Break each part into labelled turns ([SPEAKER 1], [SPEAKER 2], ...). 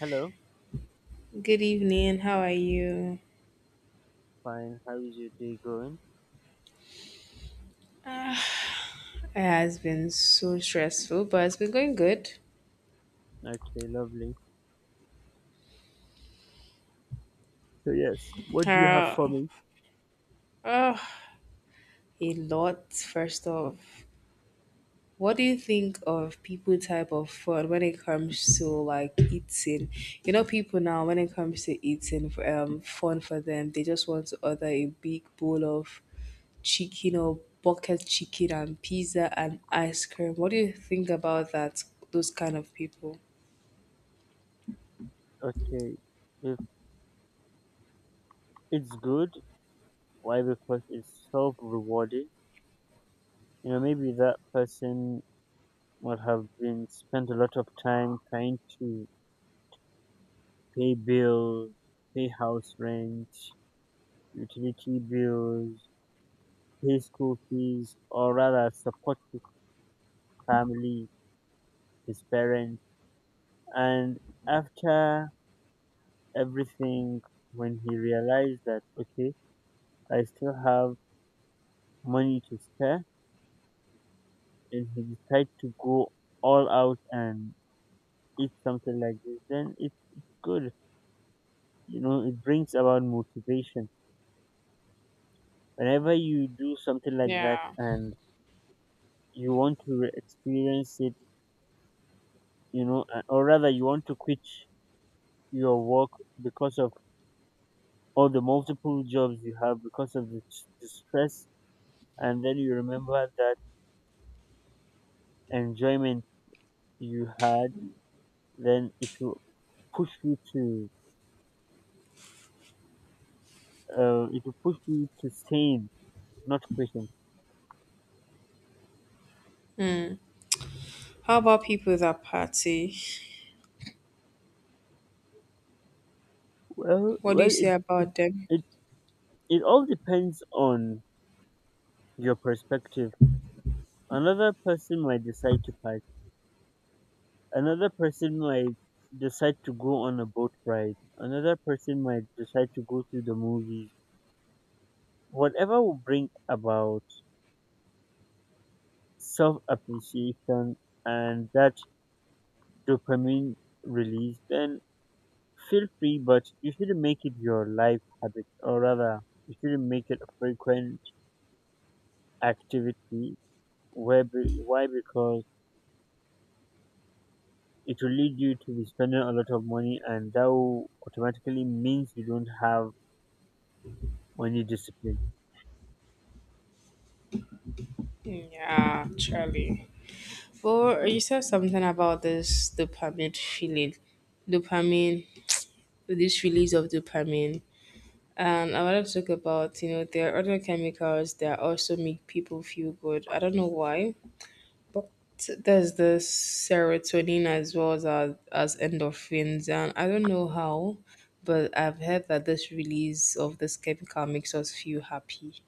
[SPEAKER 1] Hello,
[SPEAKER 2] Good evening. How are you?
[SPEAKER 1] fine. How is your day going?
[SPEAKER 2] Uh, It has been so stressful, but it's been going good.
[SPEAKER 1] Okay, lovely. So yes, what do you have for
[SPEAKER 2] Uh,
[SPEAKER 1] me?
[SPEAKER 2] oh, a lot. First off, what do you think of people type of food when it comes to like eating? You know, people now when it comes to eating, fun for them. They just want to order a big bowl of chicken or bucket chicken and pizza and ice cream. What do you think about that? Those kind of people.
[SPEAKER 1] Okay, if it's good, why? Because it's self-rewarding. You know, maybe that person would have been spent a lot of time trying to pay bills, pay house rent, utility bills, pay school fees, or rather support his family, his parents, and after everything, when he realized that okay I still have money to spare and he decides to go all out and eat something like this, then it's good. You know, it brings about motivation. Whenever you do something like that and you want to experience it, you know, or rather you want to quit your work because of all the multiple jobs you have, because of the stress, and then you remember that enjoyment you had, then it will push you to it will push you to save, not question.
[SPEAKER 2] How about people that party?
[SPEAKER 1] Well,
[SPEAKER 2] What do
[SPEAKER 1] well,
[SPEAKER 2] you say about them?
[SPEAKER 1] it it all depends on your perspective. Another person might decide to pack. Another person might decide to go on a boat ride. Another person might decide to go to the movies. Whatever will bring about self appreciation and that dopamine release, then feel free. But you shouldn't make it your life habit, or rather, you shouldn't make it a frequent activity where why? Because it will lead you to be spending a lot of money and that will automatically means you don't have money discipline.
[SPEAKER 2] Yeah, Charlie. For you said something about this dopamine feeling, dopamine, this release of dopamine, and I want to talk about you know there are other chemicals that also make people feel good. I don't know why, but there's the serotonin as well as endorphins, and I don't know how, but I've heard that this release of this chemical makes us feel happy,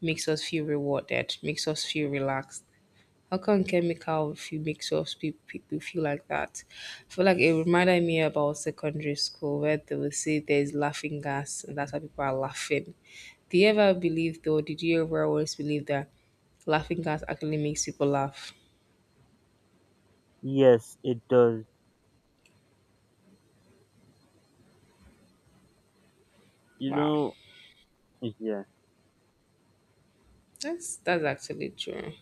[SPEAKER 2] makes us feel rewarded, makes us feel relaxed. How come chemical few makes us people feel like that? I feel like it reminded me about secondary school where they would say there's laughing gas and that's why people are laughing. Do you ever believe though? Did you ever always believe that laughing gas actually makes people laugh?
[SPEAKER 1] Yes, it does, you
[SPEAKER 2] Wow,
[SPEAKER 1] know. Yeah.
[SPEAKER 2] that's actually true.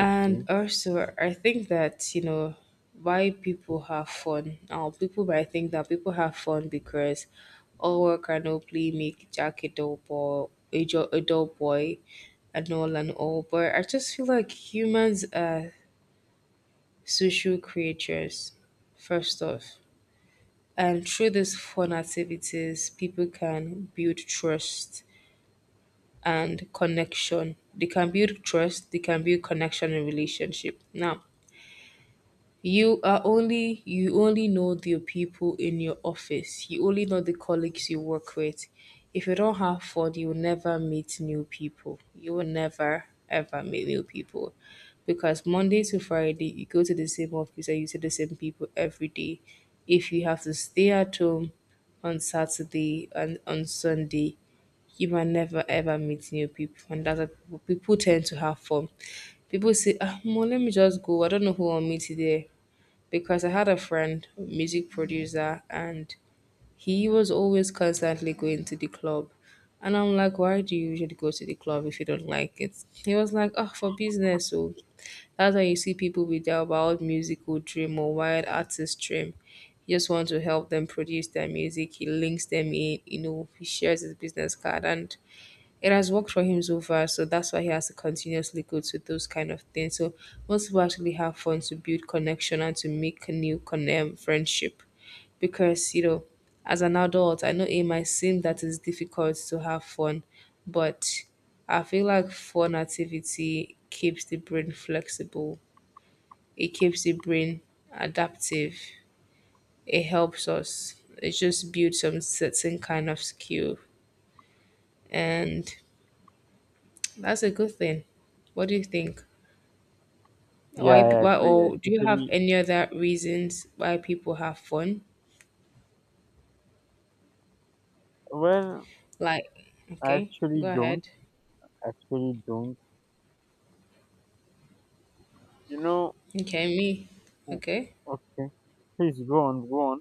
[SPEAKER 1] Okay.
[SPEAKER 2] also, I think that, you know, why people have fun. Now, people might think that people have fun because all work and no play make Jack a dull boy, a dull boy, and all and all. But I just feel like humans are social creatures, first off. And through these fun activities, people can build trust and connection. They can build trust, they can build connection and relationship. Now, you only know the people in your office. You only know the colleagues you work with. If you don't have fun, you will never meet new people. You will never ever meet new people. Because Monday to Friday you go to the same office and you see the same people every day. If you have to stay at home on Saturday and on Sunday, you might never ever meet new people. And that's what people tend to have fun. People say, ah, Mo, let me just go. I don't know who I'll meet today because I had a friend, music producer, and he was always constantly going to the club. And I'm like, why do you usually go to the club if you don't like it? He was like, oh, for business. So that's why you see people with their wild musical dream or wild artist dream. He just wants to help them produce their music. He links them in, you know, he shares his business card. And it has worked for him so far, so that's why he has to continuously go to those kind of things. So most people actually have fun to build connection and to make a new friendship, because you know, as an adult, I know it might seem that it's difficult to have fun, but I feel like fun activity keeps the brain flexible. It keeps the brain adaptive. It helps us. It just builds some certain kind of skill and that's a good thing. What do you think?
[SPEAKER 1] Yeah, I
[SPEAKER 2] Why,
[SPEAKER 1] agree, I
[SPEAKER 2] or do you have
[SPEAKER 1] totally,
[SPEAKER 2] any other reasons why people have fun?
[SPEAKER 1] well,
[SPEAKER 2] Like,
[SPEAKER 1] i
[SPEAKER 2] okay,
[SPEAKER 1] actually
[SPEAKER 2] go
[SPEAKER 1] don't
[SPEAKER 2] ahead.
[SPEAKER 1] actually don't you know.
[SPEAKER 2] Okay, me.
[SPEAKER 1] o-
[SPEAKER 2] Okay.
[SPEAKER 1] okay, please go on, go on.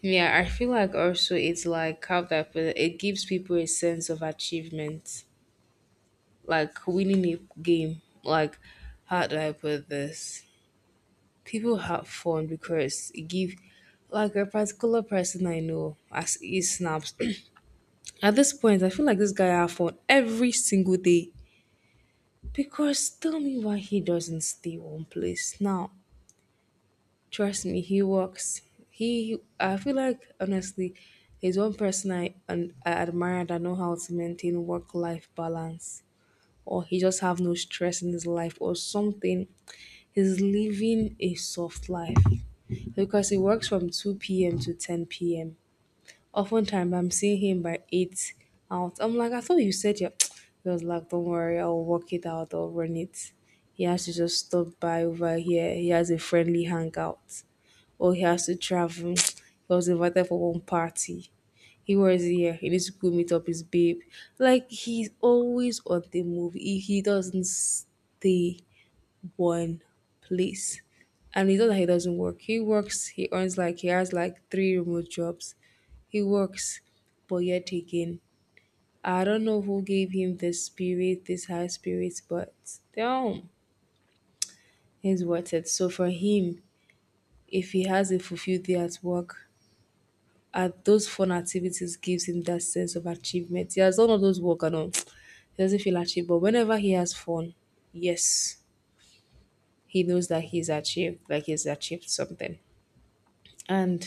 [SPEAKER 2] Yeah, I feel like also it's like how that it gives people a sense of achievement, like winning a game. Like, how do I put this? People have fun because it give, like a particular person I know, as he snaps. At this point, I feel like this guy have fun every single day. Because tell me why he doesn't stay one place. Now, trust me, he works. I feel like honestly, he's one person I admire that know how to maintain work-life balance, or he just have no stress in his life, or something. He's living a soft life because he works from 2 p.m. to 10 p.m. Oftentimes, I'm seeing him by eight out. I'm like, I thought you said you. He was like, don't worry, I'll work it out. I'll run it. He has to just stop by over here. He has a friendly hangout, or he has to travel. He was invited for one party. He was here. He needs to go meet up his babe. Like he's always on the move. He doesn't stay one place, and it's not that he doesn't work. He works, he earns like he has like three remote jobs. He works, but yet again, I don't know who gave him this spirit, this high spirits, but damn, he's worth it. So for him, if he has a fulfilled day at work, those fun activities gives him that sense of achievement. He has done all those work and all. He doesn't feel achieved, but whenever he has fun, yes, he knows that he's achieved, like he's achieved something. And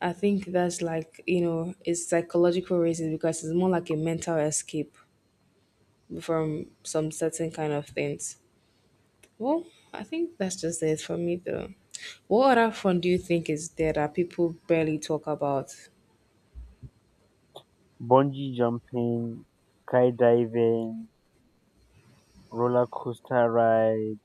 [SPEAKER 2] I think that's like, you know, it's psychological reasons because it's more like a mental escape from some certain kind of things. Well, I think that's just it for me though. What other fun do you think is there that people barely talk about?
[SPEAKER 1] Bungee jumping, skydiving, roller coaster ride.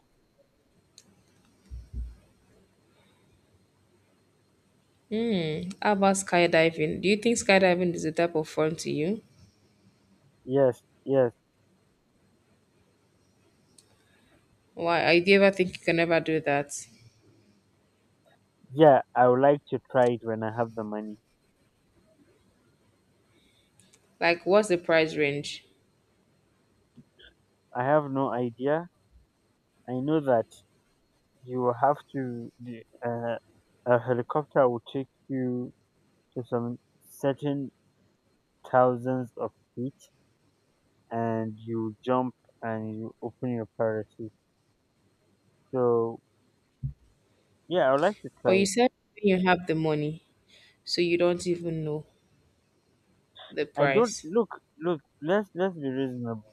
[SPEAKER 2] How about skydiving? Do you think skydiving is a type of fun to you?
[SPEAKER 1] Yes, yes.
[SPEAKER 2] Why I do you ever think you can ever do that?
[SPEAKER 1] Yeah, I would like to try it when I have the money.
[SPEAKER 2] Like what's the price range?
[SPEAKER 1] I have no idea. I know that you will have to, a helicopter will take you to some certain thousands of feet and you jump and you open your parachute. So, yeah, I would like to
[SPEAKER 2] But
[SPEAKER 1] try
[SPEAKER 2] you
[SPEAKER 1] it.
[SPEAKER 2] said you have the money, so you don't even know the
[SPEAKER 1] I don't,
[SPEAKER 2] price.
[SPEAKER 1] look, let's be reasonable.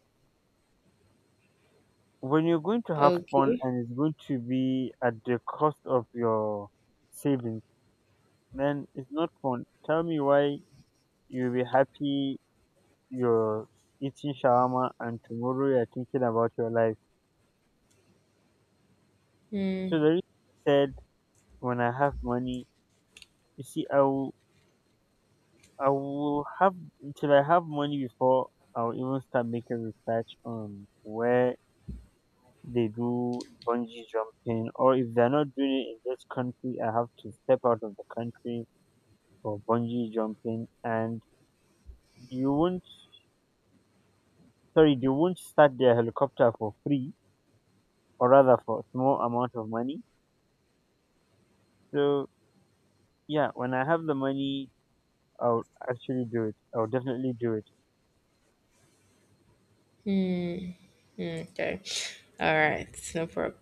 [SPEAKER 1] When you're going to have fun
[SPEAKER 2] Okay.
[SPEAKER 1] and it's going to be at the cost of your savings, then it's not fun. Tell me why. You'll be happy you're eating shawarma and tomorrow you're thinking about your life. So the reason I said when I have money, you see, I will have, until I have money before I'll even start making research on where they do bungee jumping, or if they're not doing it in this country, I have to step out of the country for bungee jumping and you won't, sorry, they won't start their helicopter for free or rather for a small amount of money. So yeah, when I have the money, I'll actually do it. I'll definitely do it.
[SPEAKER 2] Hmm, okay. All right. No problem.